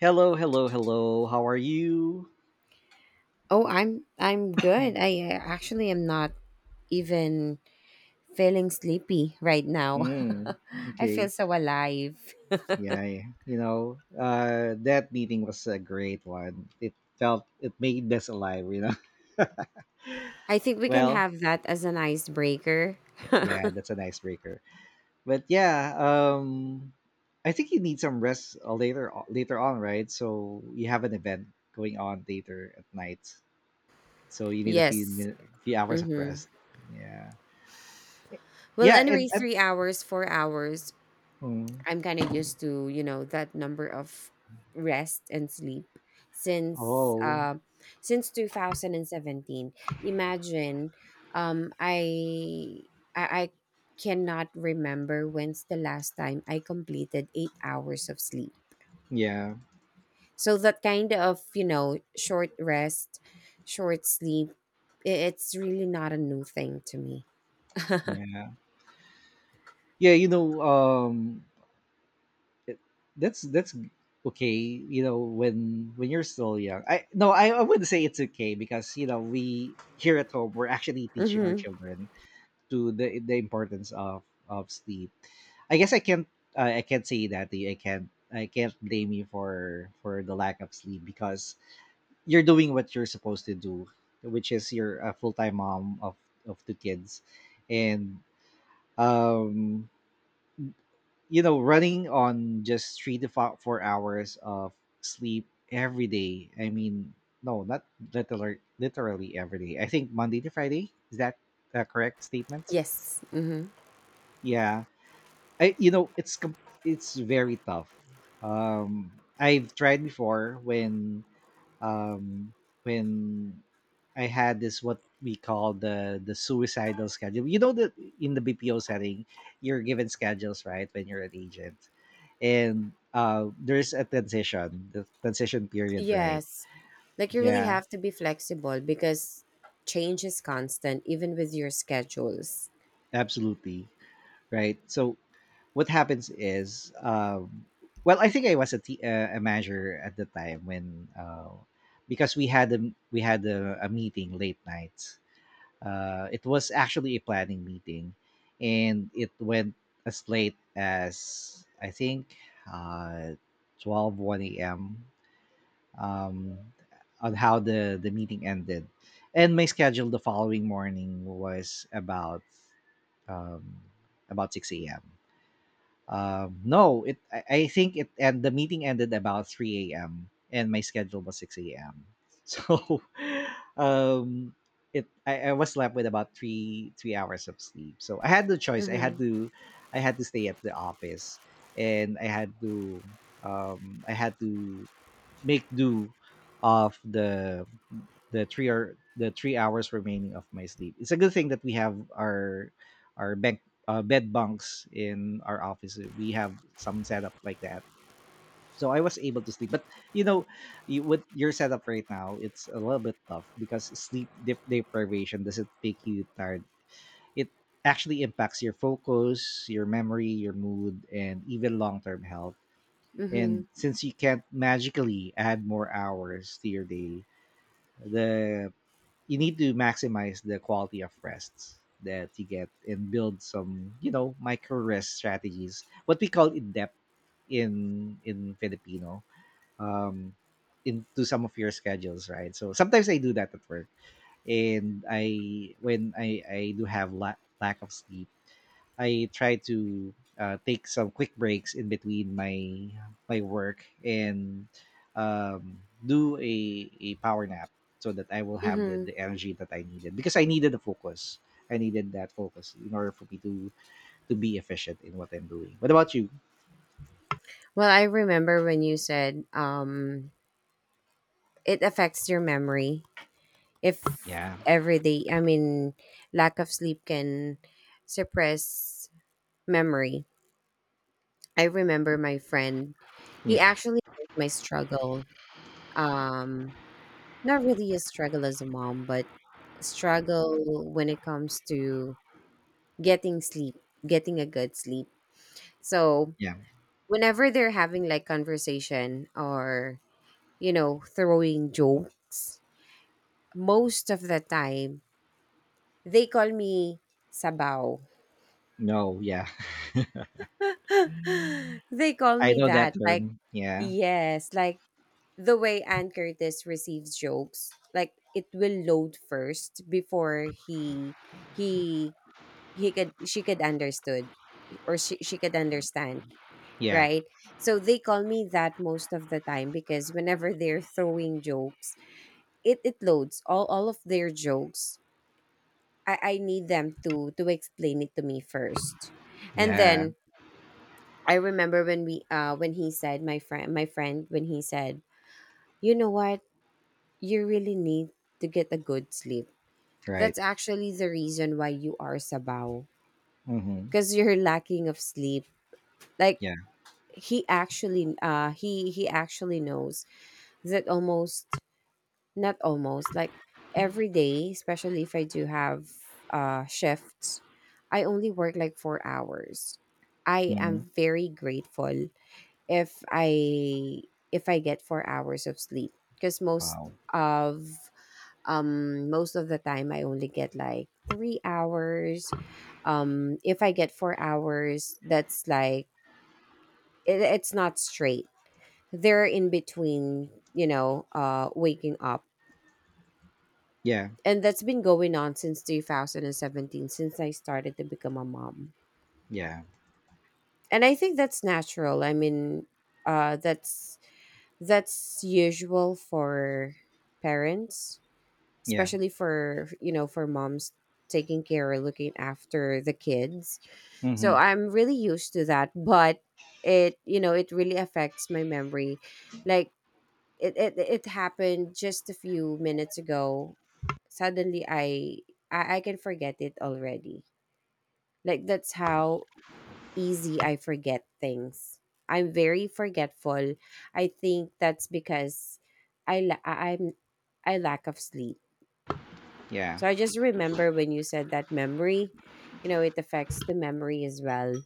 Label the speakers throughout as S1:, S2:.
S1: Hello, hello, hello. How are you?
S2: Oh, I'm good. I actually am not even feeling sleepy right now.
S1: Mm,
S2: I feel
S1: okay.
S2: so alive.
S1: Yeah, yeah. You know, that meeting was a great one. It felt, it made us alive.
S2: I think we can
S1: Well,
S2: have that as an icebreaker.
S1: yeah, that's an icebreaker. But yeah, I think you need some rest later on, right? So you have an event going on later at night. So you need
S2: Yes.
S1: few hours of
S2: Mm-hmm.
S1: rest. Yeah.
S2: Well,
S1: Yeah, and,
S2: anyway,
S1: and
S2: 3 hours, 4 hours.
S1: mm,
S2: I'm kind of used to, you know, that number of rest and sleep since
S1: oh,
S2: uh, since 2017. Imagine um I I cannot remember when's the last time I completed 8 hours of sleep.
S1: yeah.
S2: So that kind of, you know, short rest, short sleep, it's really not a new thing to me.
S1: Yeah. Yeah, you know, it- that's okay, when you're still young. I no, I wouldn't say it's okay because, we here at home we're actually teaching our
S2: Mhm.
S1: children to the importance of sleep. I guess I can't say that to you. I can't blame you for the lack of sleep because you're doing what you're supposed to do, which is you're a full-time mom of two kids. And um running on just three to 4 hours of sleep every day. I mean, no, not literally, literally every day. I think Monday to Friday. Is that a correct statement?
S2: Yes. Mhm.
S1: Yeah, I it's very tough. Um, I've tried before um when I had this what we call the suicidal schedule. You know that in the BPO setting, you're given schedules right when you're an agent, and there's a transition, the transition period, right?
S2: Yes. Like you really
S1: Yeah,
S2: have to be flexible because change is constant, even with your schedules.
S1: absolutely, right. So what happens is well, I think I was a manager at the time when because we had a meeting late night, it was actually a planning meeting, and it went as late as I think uh, 12 a.m., um, on how the meeting ended. And my schedule the following morning was um, about 6 a.m., no, it. I think it. And the meeting ended about 3 a.m. and my schedule was 6 a.m. So, um, it. I was left with about three hours of sleep. So I had no choice. I had
S2: Mm-hmm.
S1: to, I had to stay at the office, and I had to make do of the three hours remaining of my sleep. It's a good thing that we have our bed bunks in our office. We have some setup like that, so I was able to sleep. But you know, you, with your setup right now, it's a little bit tough because sleep deprivation doesn't make you tired. It actually impacts your focus, your memory, your mood, and even long term health.
S2: Mm-hmm.
S1: And since you can't magically add more hours to your day, the you need to maximize the quality of rests that you get and build some micro rest strategies, what we call in depth, in Filipino, um, into some of your schedules, right? So sometimes I do that at work, and I when I do have lack of sleep, I try to take some quick breaks in between my work and do a power nap so that I will have the,
S2: Mm-hmm.
S1: the energy that I needed because I needed the focus. I needed that focus in order for me to be efficient in what I'm doing. What about you?
S2: Well, I remember when you said it affects your memory if
S1: Yeah,
S2: every day, I mean, lack of sleep can suppress memory. I remember my friend, he
S1: yeah,
S2: actually knows my struggle. Um not really a struggle as a mom, but struggle when it comes to getting sleep, getting a good sleep. So
S1: yeah.
S2: whenever they're having like conversation or throwing jokes, most of the time they call me sabaw.
S1: No, yeah.
S2: They call
S1: I
S2: me
S1: know that
S2: that. Like
S1: term. Yeah.
S2: yes, like the way Ann Curtis receives jokes, like it will load first before he he could she could understood or she could understand,
S1: Yeah.
S2: right? So they call me that most of the time because whenever they're throwing jokes, it loads all of their jokes. I need them to explain it to me first. And
S1: Yeah.
S2: then I remember when we when he said, my friend, when he said, "You know what? You really need to get a good sleep."
S1: Right.
S2: That's actually the reason why you are sabaw
S1: Mm-hmm.
S2: because you're lacking of sleep. Like
S1: Yeah.
S2: he actually he actually knows that almost, not almost, like every day, especially if I do have shifts, I only work like 4 hours. I
S1: Mm-hmm.
S2: am very grateful if I if I get 4 hours of sleep because
S1: Wow.
S2: of most of the time I only get like 3 hours. If I get 4 hours, that's like it's not straight. They're in between, waking up,
S1: Yeah.
S2: and that's been going on since 2017, since I started to become a mom.
S1: Yeah.
S2: And I think that's natural. I mean, that's usual for parents,
S1: Yeah.
S2: especially for for moms taking care or looking after the kids. So
S1: Mm-hmm.
S2: I'm really used to that, but it you know it really affects my memory. Like it happened just a few minutes ago. Suddenly, I can forget it already. Like that's how easy I forget things. I'm very forgetful. I think that's because i la- I- i'm I lack of sleep.
S1: Yeah.
S2: So I just remember when you said that memory, you know, it affects the memory as well.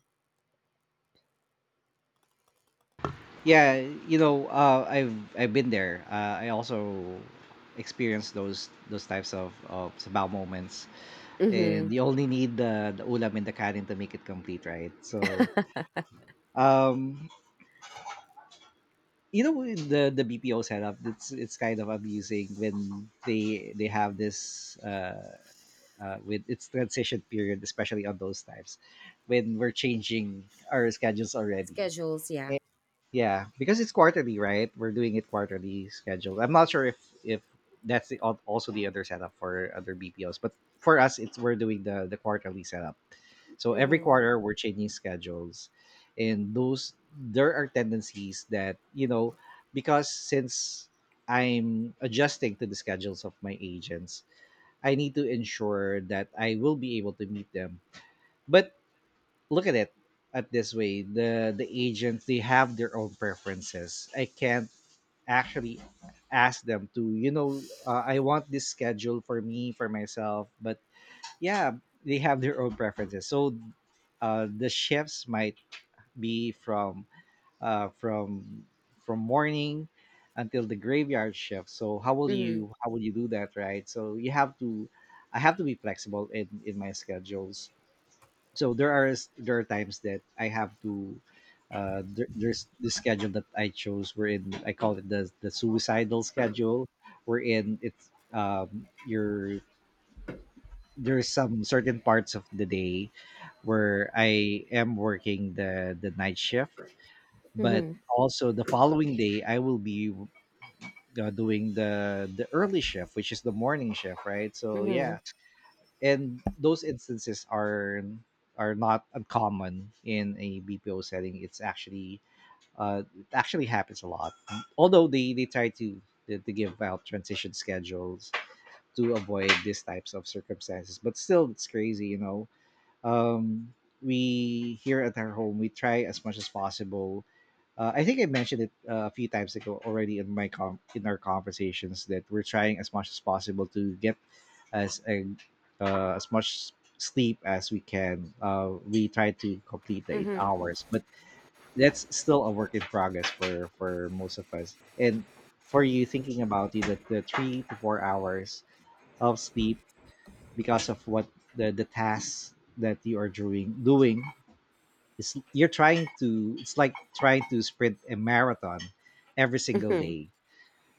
S1: Yeah. You know, I've been there. I also experienced those types of sabaw moments, and
S2: Hmm.
S1: you only need the ulam and the kanin to make it complete, right? So, um, with the BPO setup, it's kind of amusing when they have this with its transition period, especially on those times when we're changing our schedules already.
S2: Schedules, yeah.
S1: Eh. Yeah, because it's quarterly, right? We're doing it quarterly schedule. I'm not sure if that's also the other setup for other BPOs, but for us, it's we're doing the quarterly setup. So every
S2: Mm-hmm.
S1: quarter we're changing schedules, and those there are tendencies that, because since I'm adjusting to the schedules of my agents, I need to ensure that I will be able to meet them. But look at it at this way: the agents, they have their own preferences. I can't actually ask them to, I want this schedule for myself. But yeah, they have their own preferences. So the shifts might be uh, from from morning until the graveyard shift. So how will
S2: Mm-hmm.
S1: you how will you do that, right? So you have to I have to be flexible in my schedules. So there are there are times that I have to there's this schedule that I chose, wherein I call it the suicidal schedule, wherein it's you're there's some certain parts of the day where I am working the night shift, but
S2: Mm-hmm.
S1: also the following day I will be doing the early shift, which is the morning shift, right? So
S2: Mm-hmm.
S1: yeah, and those instances are not uncommon in a BPO setting. It's actually, it actually happens a lot. Although they try to to give out transition schedules to avoid these types of circumstances, but still it's crazy. Um, we here at our home we try as much as possible. I think I mentioned it a few times ago already in in our conversations, that we're trying as much as possible to get as a, as much sleep as we can. We try to complete the eight
S2: Mm-hmm.
S1: hours, but that's still a work in progress for most of us. And for you, thinking about it, that the 3 to 4 hours of sleep because of what the tasks that you are doing is you're trying to it's like trying to sprint a marathon every single
S2: Hmm.
S1: day.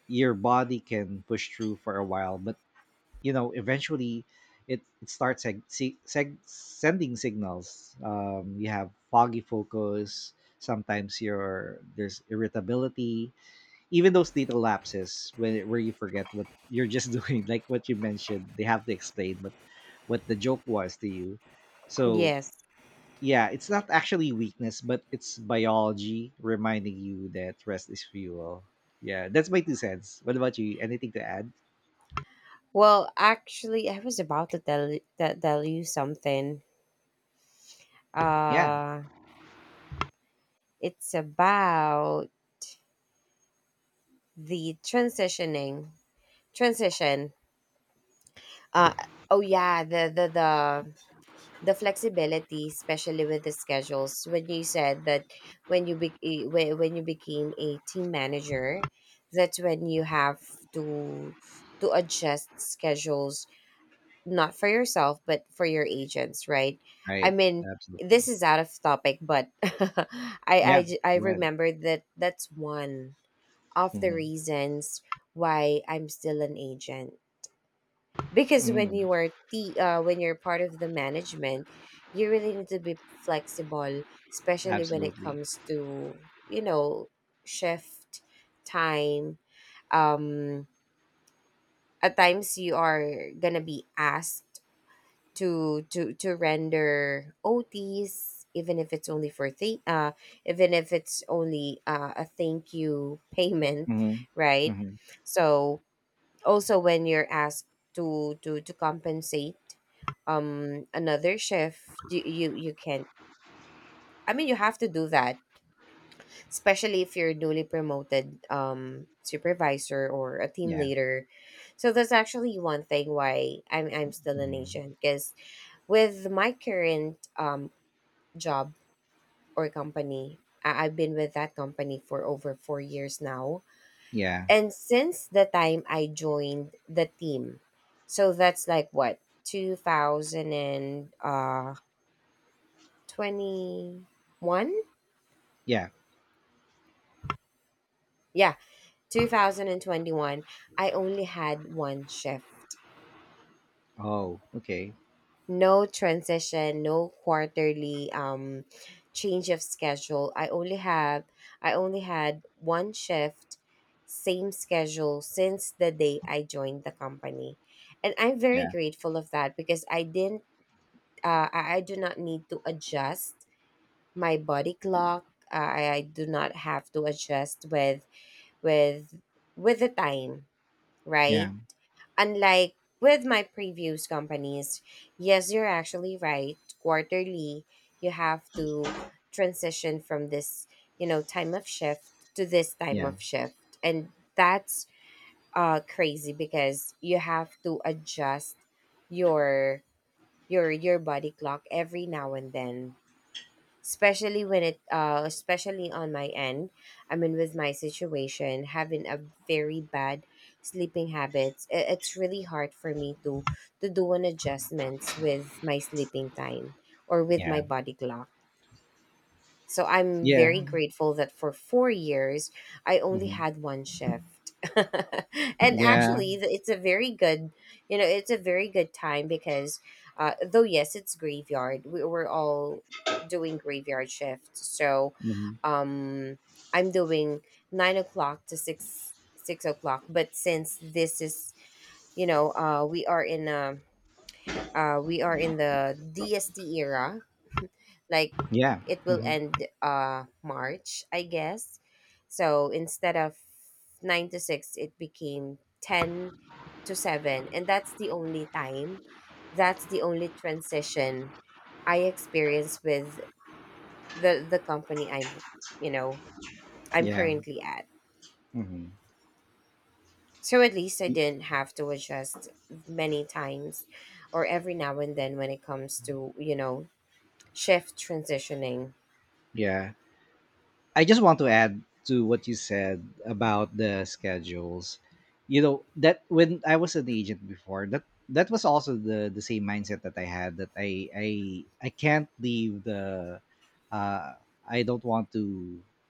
S1: Your body can push through for a while, but eventually, it starts sending signals. You have foggy focus, sometimes your there's irritability, even those little lapses when where you forget what you're just doing, like what you mentioned. They have to explain what the joke was to you. So
S2: Yes.
S1: yeah, it's not actually weakness, but it's biology reminding you that rest is fuel. Yeah, that's my two cents. What about you? Anything to add?
S2: Well, actually, I was about to tell you something.
S1: Yeah,
S2: Uh, it's about the transition. Uh, oh yeah, the flexibility, especially with the schedules. When you said that, when you be eh, when you became a team manager, that's when you have to to adjust schedules, not for yourself but for your agents, right? I
S1: right.
S2: mean, this
S1: Absolutely.
S2: is out of topic, but I, I
S1: Yeah,
S2: j- i
S1: go ahead.
S2: remember that that's one of the
S1: Hmm.
S2: reasons why I'm still an agent. Because when
S1: Mm.
S2: you are the uh, when you're part of the management, you really need to be flexible, especially when it
S1: Absolutely.
S2: comes to you know shift time. um at times you are gonna be asked to render OTs, even if it's only even if it's only a thank you payment,
S1: Hmm.
S2: right?
S1: Hmm.
S2: So also when you're asked to compensate another chef, you can't. I mean, you have to do that, especially if you're newly promoted supervisor or a team
S1: Yeah.
S2: leader. So that's actually one thing why I'm still an
S1: Hmm.
S2: agent, because with my current job or company, I've been with that company for over 4 years now.
S1: Yeah.
S2: And since the time I joined the team, so that's like what, 2021?
S1: Yeah.
S2: Yeah, 2021, I only had one shift.
S1: Oh, okay.
S2: No transition, no quarterly change of schedule. I only had one shift, same schedule since the day I joined the company, and I'm very
S1: Yeah.
S2: grateful of that because I didn't I do not need to adjust my body clock. I do not have to adjust with with the time, right?
S1: Yeah.
S2: Unlike with my previous companies, yes, you're actually right. Quarterly, you have to transition from this, time of shift to this time
S1: Yeah.
S2: of shift. And that's crazy because you have to adjust your your body clock every now and then, especially when it especially on my end. I mean, with my situation, having a very bad sleeping habits, it's really hard for me to do an adjustments with my sleeping time or with
S1: Yeah.
S2: my body clock. So I'm
S1: Yeah.
S2: very grateful that for 4 years, I only
S1: Hmm.
S2: had one shift. And
S1: Yeah.
S2: actually, it's a very good, you know, it's a very good time because, though, yes, it's graveyard, we're all doing graveyard shifts. So
S1: Hmm.
S2: um, I'm doing 9 o'clock to six o'clock, but since this is you know uh we are in a, we are in the DST era, like
S1: Yeah.
S2: it will
S1: Hmm.
S2: end March, I guess. So instead of nine to six, it became ten to seven, and that's the only time, that's the only transition I experienced with the company you know, I'm
S1: Yeah.
S2: currently at.
S1: Hmm.
S2: So at least I didn't have to adjust many times, or every now and then when it comes to shift transitioning.
S1: Yeah. I just want to add to what you said about the schedules. You know, that when I was an agent before, that was also the same mindset that I had, that I can't leave the uh I don't want to,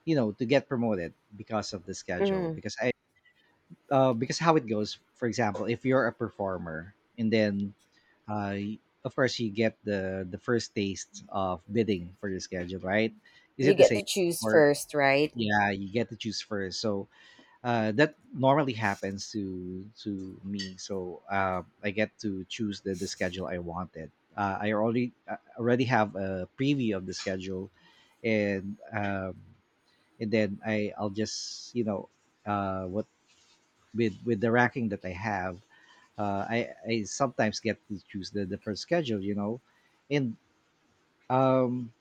S1: you know, to get promoted because of the schedule,
S2: Mm,
S1: because how it goes. For example, if you're a performer and then, uh, y- of course you get the first taste of bidding for your schedule, right? Is it
S2: you
S1: the
S2: get
S1: same,
S2: to choose
S1: or
S2: first, right?
S1: yeah, you get to choose first. So, that normally happens to me. So, I get to choose the schedule I wanted. I already have a preview of the schedule. And, and then I'll just, you know what with the racking that I have, uh, I I sometimes get to choose the different schedule, and, um,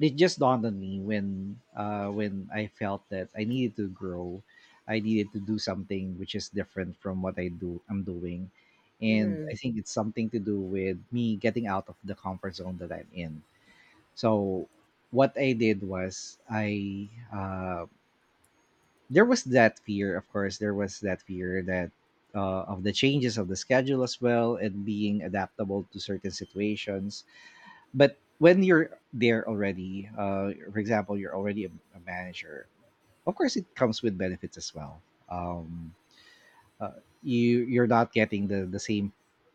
S1: it just dawned on me when I felt that I needed to grow, I needed to do something which is different from what I'm doing, and
S2: Mm-hmm.
S1: I think it's something to do with me getting out of the comfort zone that I'm in. So what I did was I there was that fear, of course there was that fear that of the changes of the schedule as well, and being adaptable to certain situations. But when you're there already, for example, you're already a manager, of course it comes with benefits as well. Um, uh, you you're not getting the the same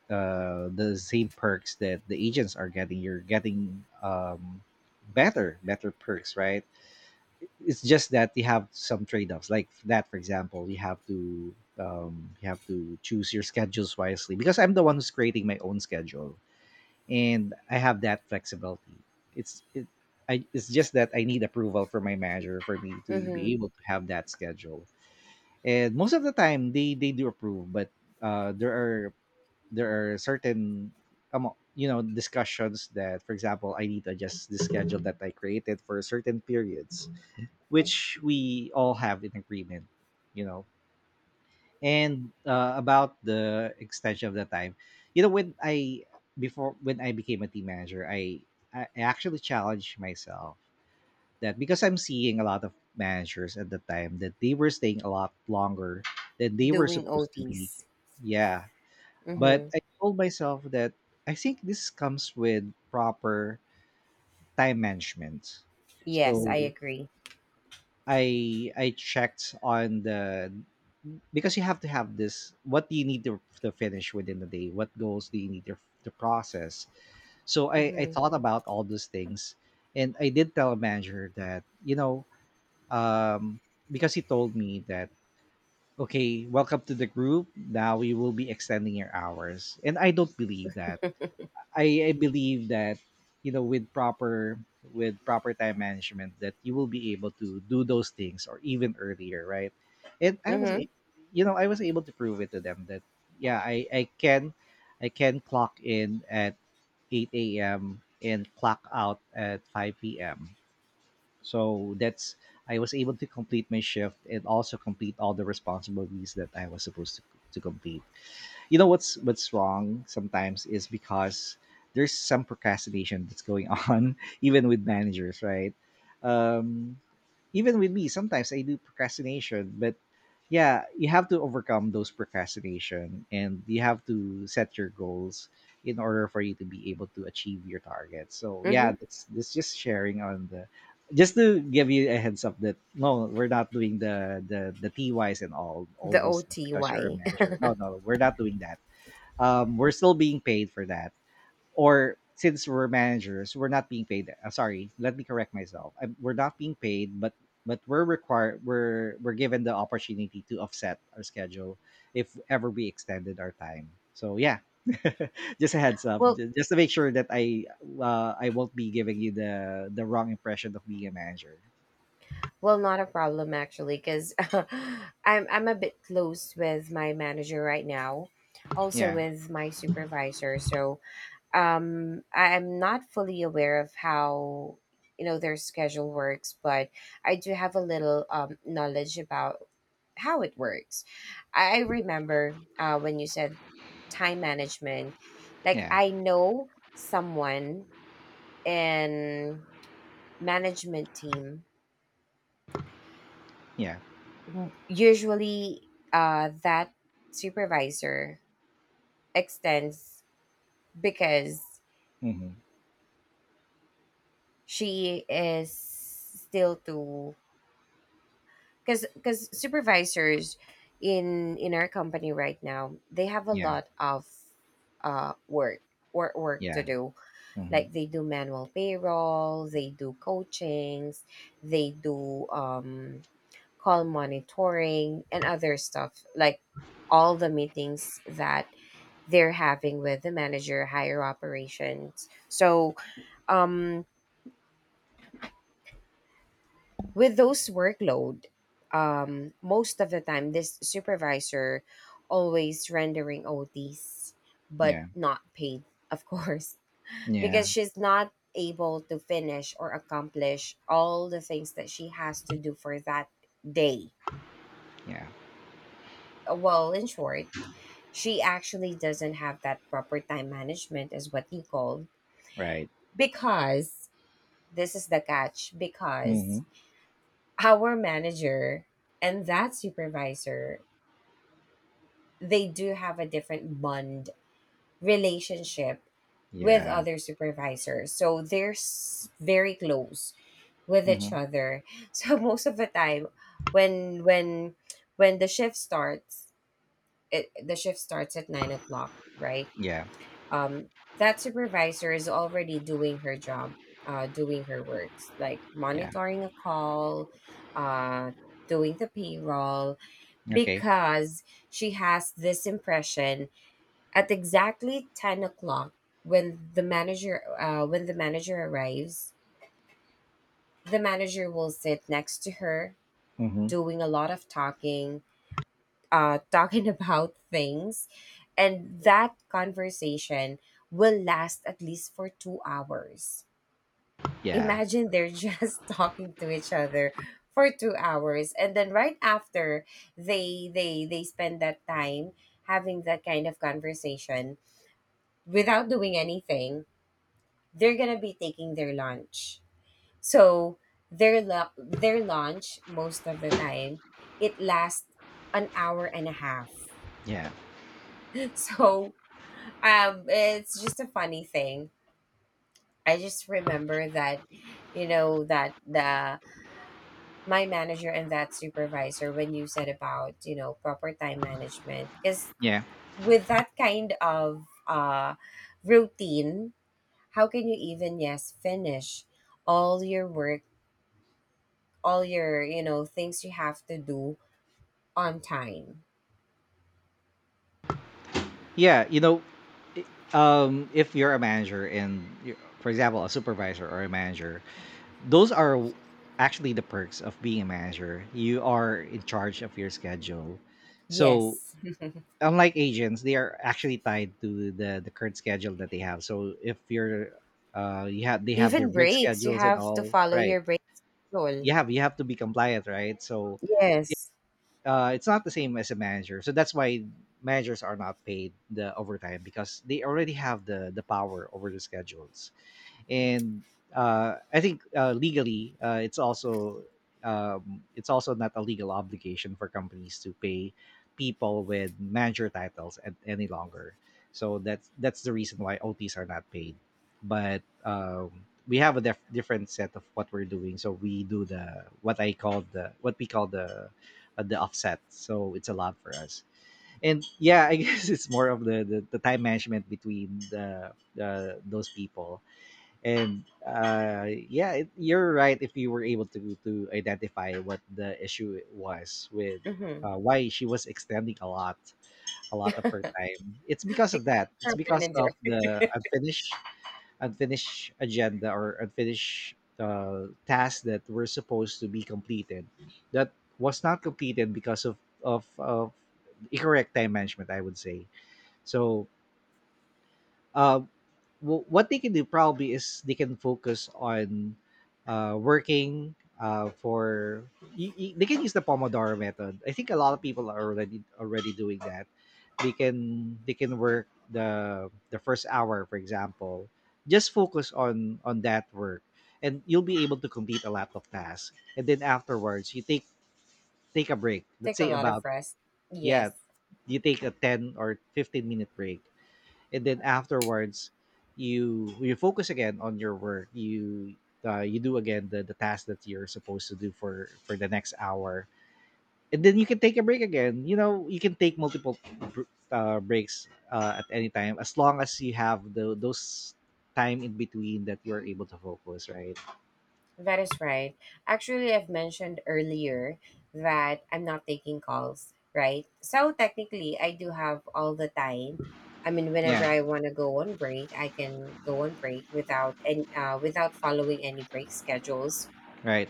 S1: uh, the same perks that the agents are getting. You're getting better perks, right? It's just that you have some trade-offs like that. For example, you have to choose your schedules wisely, because I'm the one who's creating my own schedule, and I have that flexibility. It's it, I, it's just that I need approval from my manager for me to
S2: Mm-hmm.
S1: be able to have that schedule. And most of the time they do approve, but uh, there are there are certain discussions that, for example, I need to adjust the schedule that I created for certain periods, which we all have in agreement, you know. And about the extension of the time, you know, when I before when I became a team manager, I actually challenged myself that, because I'm seeing a lot of managers at the time that they were staying a lot longer than they were
S2: Doing
S1: supposed to be.
S2: OTs.
S1: Yeah,
S2: Mm-hmm.
S1: but I told myself that I think this comes with proper time management.
S2: Yes, I
S1: So
S2: agree.
S1: I checked on the, because you have to have this: what do you need to finish within the day, what goals do you need to process? So I
S2: Mm-hmm.
S1: thought about all those things. And I did tell a manager that, you know, um, because he told me that, okay, welcome to the group, now we will be extending your hours, and I don't believe that. I believe that, you know, with proper time management, that you will be able to do those things, or even earlier, right? And
S2: Mm-hmm.
S1: you know, I was able to prove it to them that, yeah, I can clock in at 8 a.m and clock out at 5 p.m. So that's, I was able to complete my shift and also complete all the responsibilities that I was supposed to complete. You know, what's wrong sometimes is because there's some procrastination that's going on, even with managers, right? Um, Even with me, sometimes I do procrastination, but yeah, you have to overcome those procrastination, and you have to set your goals in order for you to be able to achieve your target. So yeah,
S2: Mm-hmm.
S1: that's just sharing on the, just to give you a heads up that, no, we're not doing the TYs and all
S2: The
S1: those things because you're a
S2: OTY.
S1: manager. No, no, we're not doing that. We're still being paid for that. Or, since we're managers, we're not being paid. Sorry, let me correct myself. We're not being paid, but we're required. We're given the opportunity to offset our schedule if ever we extended our time. So yeah, just a heads up,
S2: well,
S1: just to make sure that I won't be giving you the wrong impression of being a manager.
S2: well, not a problem actually, because I'm a bit close with my manager right now, also
S1: Yeah,
S2: with my supervisor. So I am not fully aware of how their schedule works, but I do have a little knowledge about how it works. I remember when you said time management, like
S1: yeah,
S2: I know someone in management team.
S1: yeah,
S2: Usually, that supervisor extends because
S1: mm-hmm.
S2: she is still to because supervisors in our company right now, they have a
S1: Yeah,
S2: lot of uh work work to
S1: yeah,
S2: do,
S1: mm-hmm.
S2: like they do manual payroll, they do coachings, they do call monitoring and other stuff, like all the meetings that they're having with the manager, higher operations. So um with those workload, most of the time this supervisor always rendering OTs, but
S1: Yeah,
S2: not paid, of course,
S1: yeah,
S2: because she's not able to finish or accomplish all the things that she has to do for that day.
S1: yeah.
S2: Well, in short, she actually doesn't have that proper time management, is what you call,
S1: Right.
S2: because this is the catch,
S1: Mm-hmm.
S2: because our manager and that supervisor, they do have a different bond, relationship with
S1: Yeah.
S2: other supervisors. So they're very close with each
S1: Mm-hmm.
S2: other. So most of the time, when when when the shift starts, it, the shift starts at 9 o'clock, right?
S1: Yeah,
S2: Um, that supervisor is already doing her job, doing her works, like
S1: yeah.
S2: monitoring a call, uh, doing the payroll,
S1: Okay.
S2: because she has this impression, at exactly 10 o'clock, when the manager arrives, the manager will sit next to her,
S1: Mm-hmm.
S2: doing a lot of talking about things, and that conversation will last at least for 2 hours.
S1: Yeah,
S2: Imagine they're just talking to each other for 2 hours, and then right after, they spend that time having that kind of conversation without doing anything. They're gonna be taking their lunch. So their lunch, most of the time, it lasts an hour and a half.
S1: yeah,
S2: So it's just a funny thing. I just remember that, that the my manager and that supervisor, when you said about proper time management, because
S1: yeah,
S2: with that kind of routine, how can you even, yes, finish all your work, all your, things you have to do on time.
S1: yeah. You know, i- if you're a manager and, you're, for example, a supervisor or a manager, those are w- actually the perks of being a manager. You are in charge of your schedule. So,
S2: Yes.
S1: unlike agents, they are actually tied to the current schedule that they have. So, if you're you have they have their
S2: Even
S1: break
S2: breaks, you
S1: schedules and
S2: have to
S1: all,
S2: follow
S1: right?
S2: your break rule.
S1: You have to be compliant, right? So,
S2: Yes.
S1: it's not the same as a manager. So that's why managers are not paid the overtime, because they already have the power over the schedules, and I think, legally, it's also, it's also not a legal obligation for companies to pay people with manager titles at, any longer. So that's the reason why OTs are not paid. But we have a different set of what we're doing. So we do the, what I call the, what we call the offset. So it's a lot for us. And yeah, I guess it's more of the time management between the those people. And yeah, you're right, if you were able to identify what the issue was with,
S2: Mm-hmm.
S1: why she was extending a lot of her time. It's because of
S2: Because
S1: that, it's
S2: our
S1: because
S2: manager,
S1: of the unfinished agenda, or unfinished tasks that were supposed to be completed, that was not completed because of incorrect time management, I would say. So uh, what they can do probably is they can focus on, working, for, they can use the pomodoro method. I think a lot of people are already doing that. They can work the first hour, for example, just focus on that work, and you'll be able to complete a lot of tasks, and then afterwards you take a break, let's
S2: take a
S1: say
S2: lot of
S1: about,
S2: rest.
S1: yeah,
S2: Yes,
S1: you take a 10 or 15-minute break, and then afterwards you focus again on your work. You do again the task that you're supposed to do for the next hour, and then you can take a break again, you know, you can take multiple breaks, at any time, as long as you have the those time in between that you're able to focus, right?
S2: that is right. Actually, I've mentioned earlier that I'm not taking calls, right? So technically, I do have all the time. I mean,
S1: Yeah.
S2: whenever I want to go on break, I can go on break without, and without following any break schedules.
S1: Right.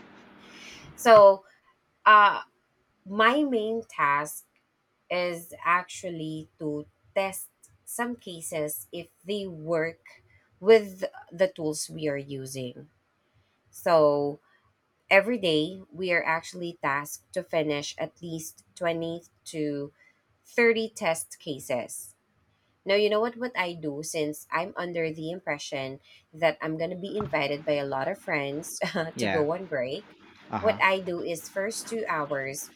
S2: So Uh, my main task is actually to test some cases if they work with the tools we are using. So every day we are actually tasked to finish at least 20 to 30 test cases. Now, you know what I do, since I'm under the impression that I'm going to be invited by a lot of friends to
S1: Yeah.
S2: go on break. What
S1: Uh-huh.
S2: I do is, first 2 hours,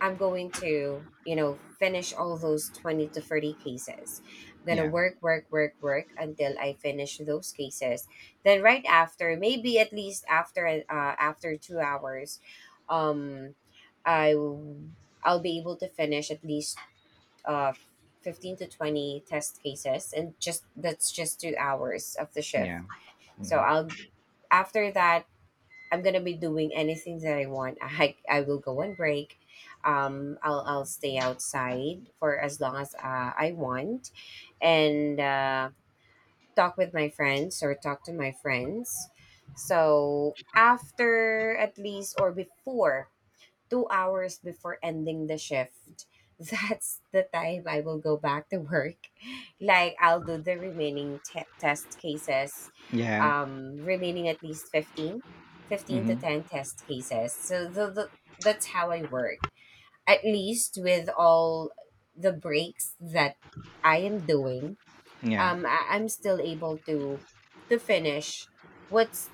S2: I'm going to, you know, finish all those 20 to 30 cases. I'm going to
S1: Yeah,
S2: work, work, work, work until I finish those cases. Then right after, maybe at least after after 2 hours, um I w- I'll be able to finish at least uh 15 to 20 test cases, and just that's just 2 hours of the shift.
S1: yeah.
S2: So
S1: Mhm.
S2: I'll after that, I'm gonna be doing anything that I want. I will go on break. I'll stay outside for as long as I want, and talk with my friends or talk to my friends. So after, at least, or before 2 hours before ending the shift. That's the time I will go back to work. Like I'll do the remaining test cases,
S1: Yeah.
S2: remaining at least fifteen to
S1: Hmm.
S2: 10 test cases. So, the, that's how I work. At least with all the breaks that I am doing,
S1: Yeah.
S2: I'm still able to finish what's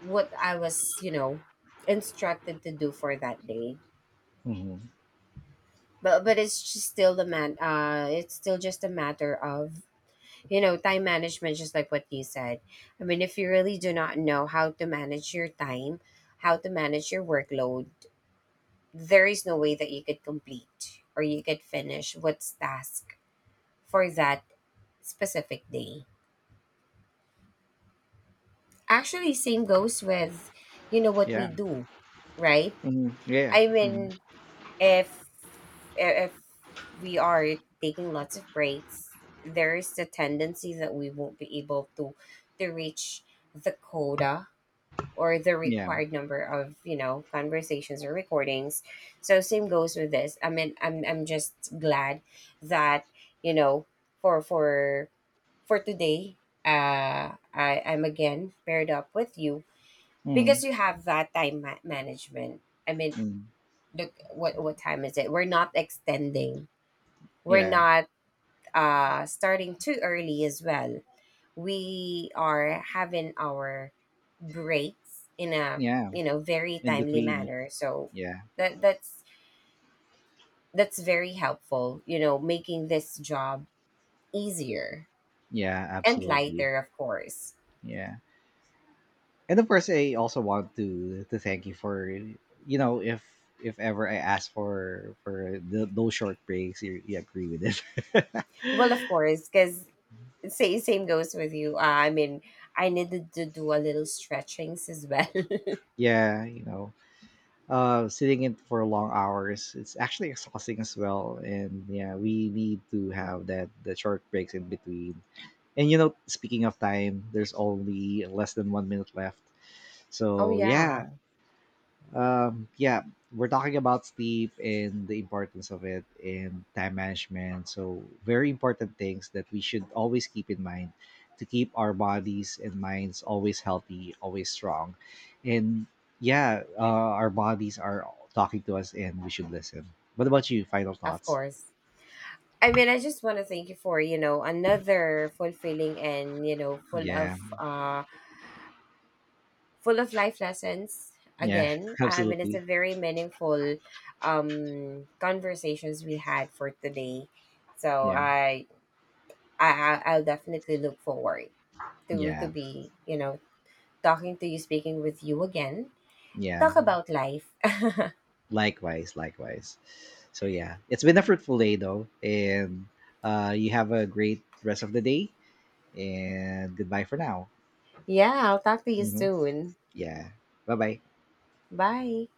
S2: what I was, instructed to do for that day.
S1: Hmm.
S2: But it's just still the man it's still just a matter of time management, just like what you said. I mean, if you really do not know how to manage your time, how to manage your workload, there is no way that you could complete or you could finish what's task for that specific day. Actually, same goes with what
S1: Yeah.
S2: we do, right?
S1: Hmm. Yeah.
S2: I
S1: Hmm.
S2: mean, if if we are taking lots of breaks, there is the tendency that we won't be able to reach the quota or the
S1: Yeah.
S2: required number of conversations or recordings. So same goes with this. I mean, I'm just glad that, you know for today, I'm again paired up with you
S1: Hmm.
S2: because you have that time management. I mean, look, what time is it? We're not extending, we're
S1: Yeah,
S2: not starting too early as well. We are having our breaks in a
S1: yeah,
S2: very
S1: in
S2: timely
S1: between.
S2: manner, so
S1: Yeah,
S2: that that's that's very helpful, you know, making this job easier
S1: yeah,
S2: and
S1: absolutely.
S2: lighter, of course.
S1: Yeah, and of course I also want to thank you for, you know, if ever I ask for those short breaks, you agree with it.
S2: Well, of course, because say same goes with you. I mean, I needed to do a little stretchings as well.
S1: Yeah, you know, sitting in for long hours, it's actually exhausting as well, and yeah, we need to have that the short breaks in between. And you know, speaking of time, there's only less than 1 minute left.
S2: Oh
S1: So
S2: yeah.
S1: yeah. Yeah, we're talking about sleep and the importance of it and time management. So, very important things that we should always keep in mind, to keep our bodies and minds always healthy, always strong. And yeah, our bodies are talking to us, and we should listen. What about you? Final
S2: Of
S1: thoughts?
S2: course. I mean, I just want to thank you for, you know, another fulfilling and, full
S1: Yeah,
S2: of life lessons
S1: yeah,
S2: again. I mean, it's
S1: absolutely.
S2: a very meaningful conversations we had for today. So,
S1: Yeah,
S2: I'll definitely look forward to
S1: yeah,
S2: be, talking to you, speaking with you again.
S1: yeah.
S2: Talk about life.
S1: Likewise, likewise. So yeah, it's been a fruitful day though, and you have a great rest of the day. And goodbye for now.
S2: Yeah, I'll talk to you
S1: Hmm.
S2: soon.
S1: Yeah, bye bye.
S2: Bye.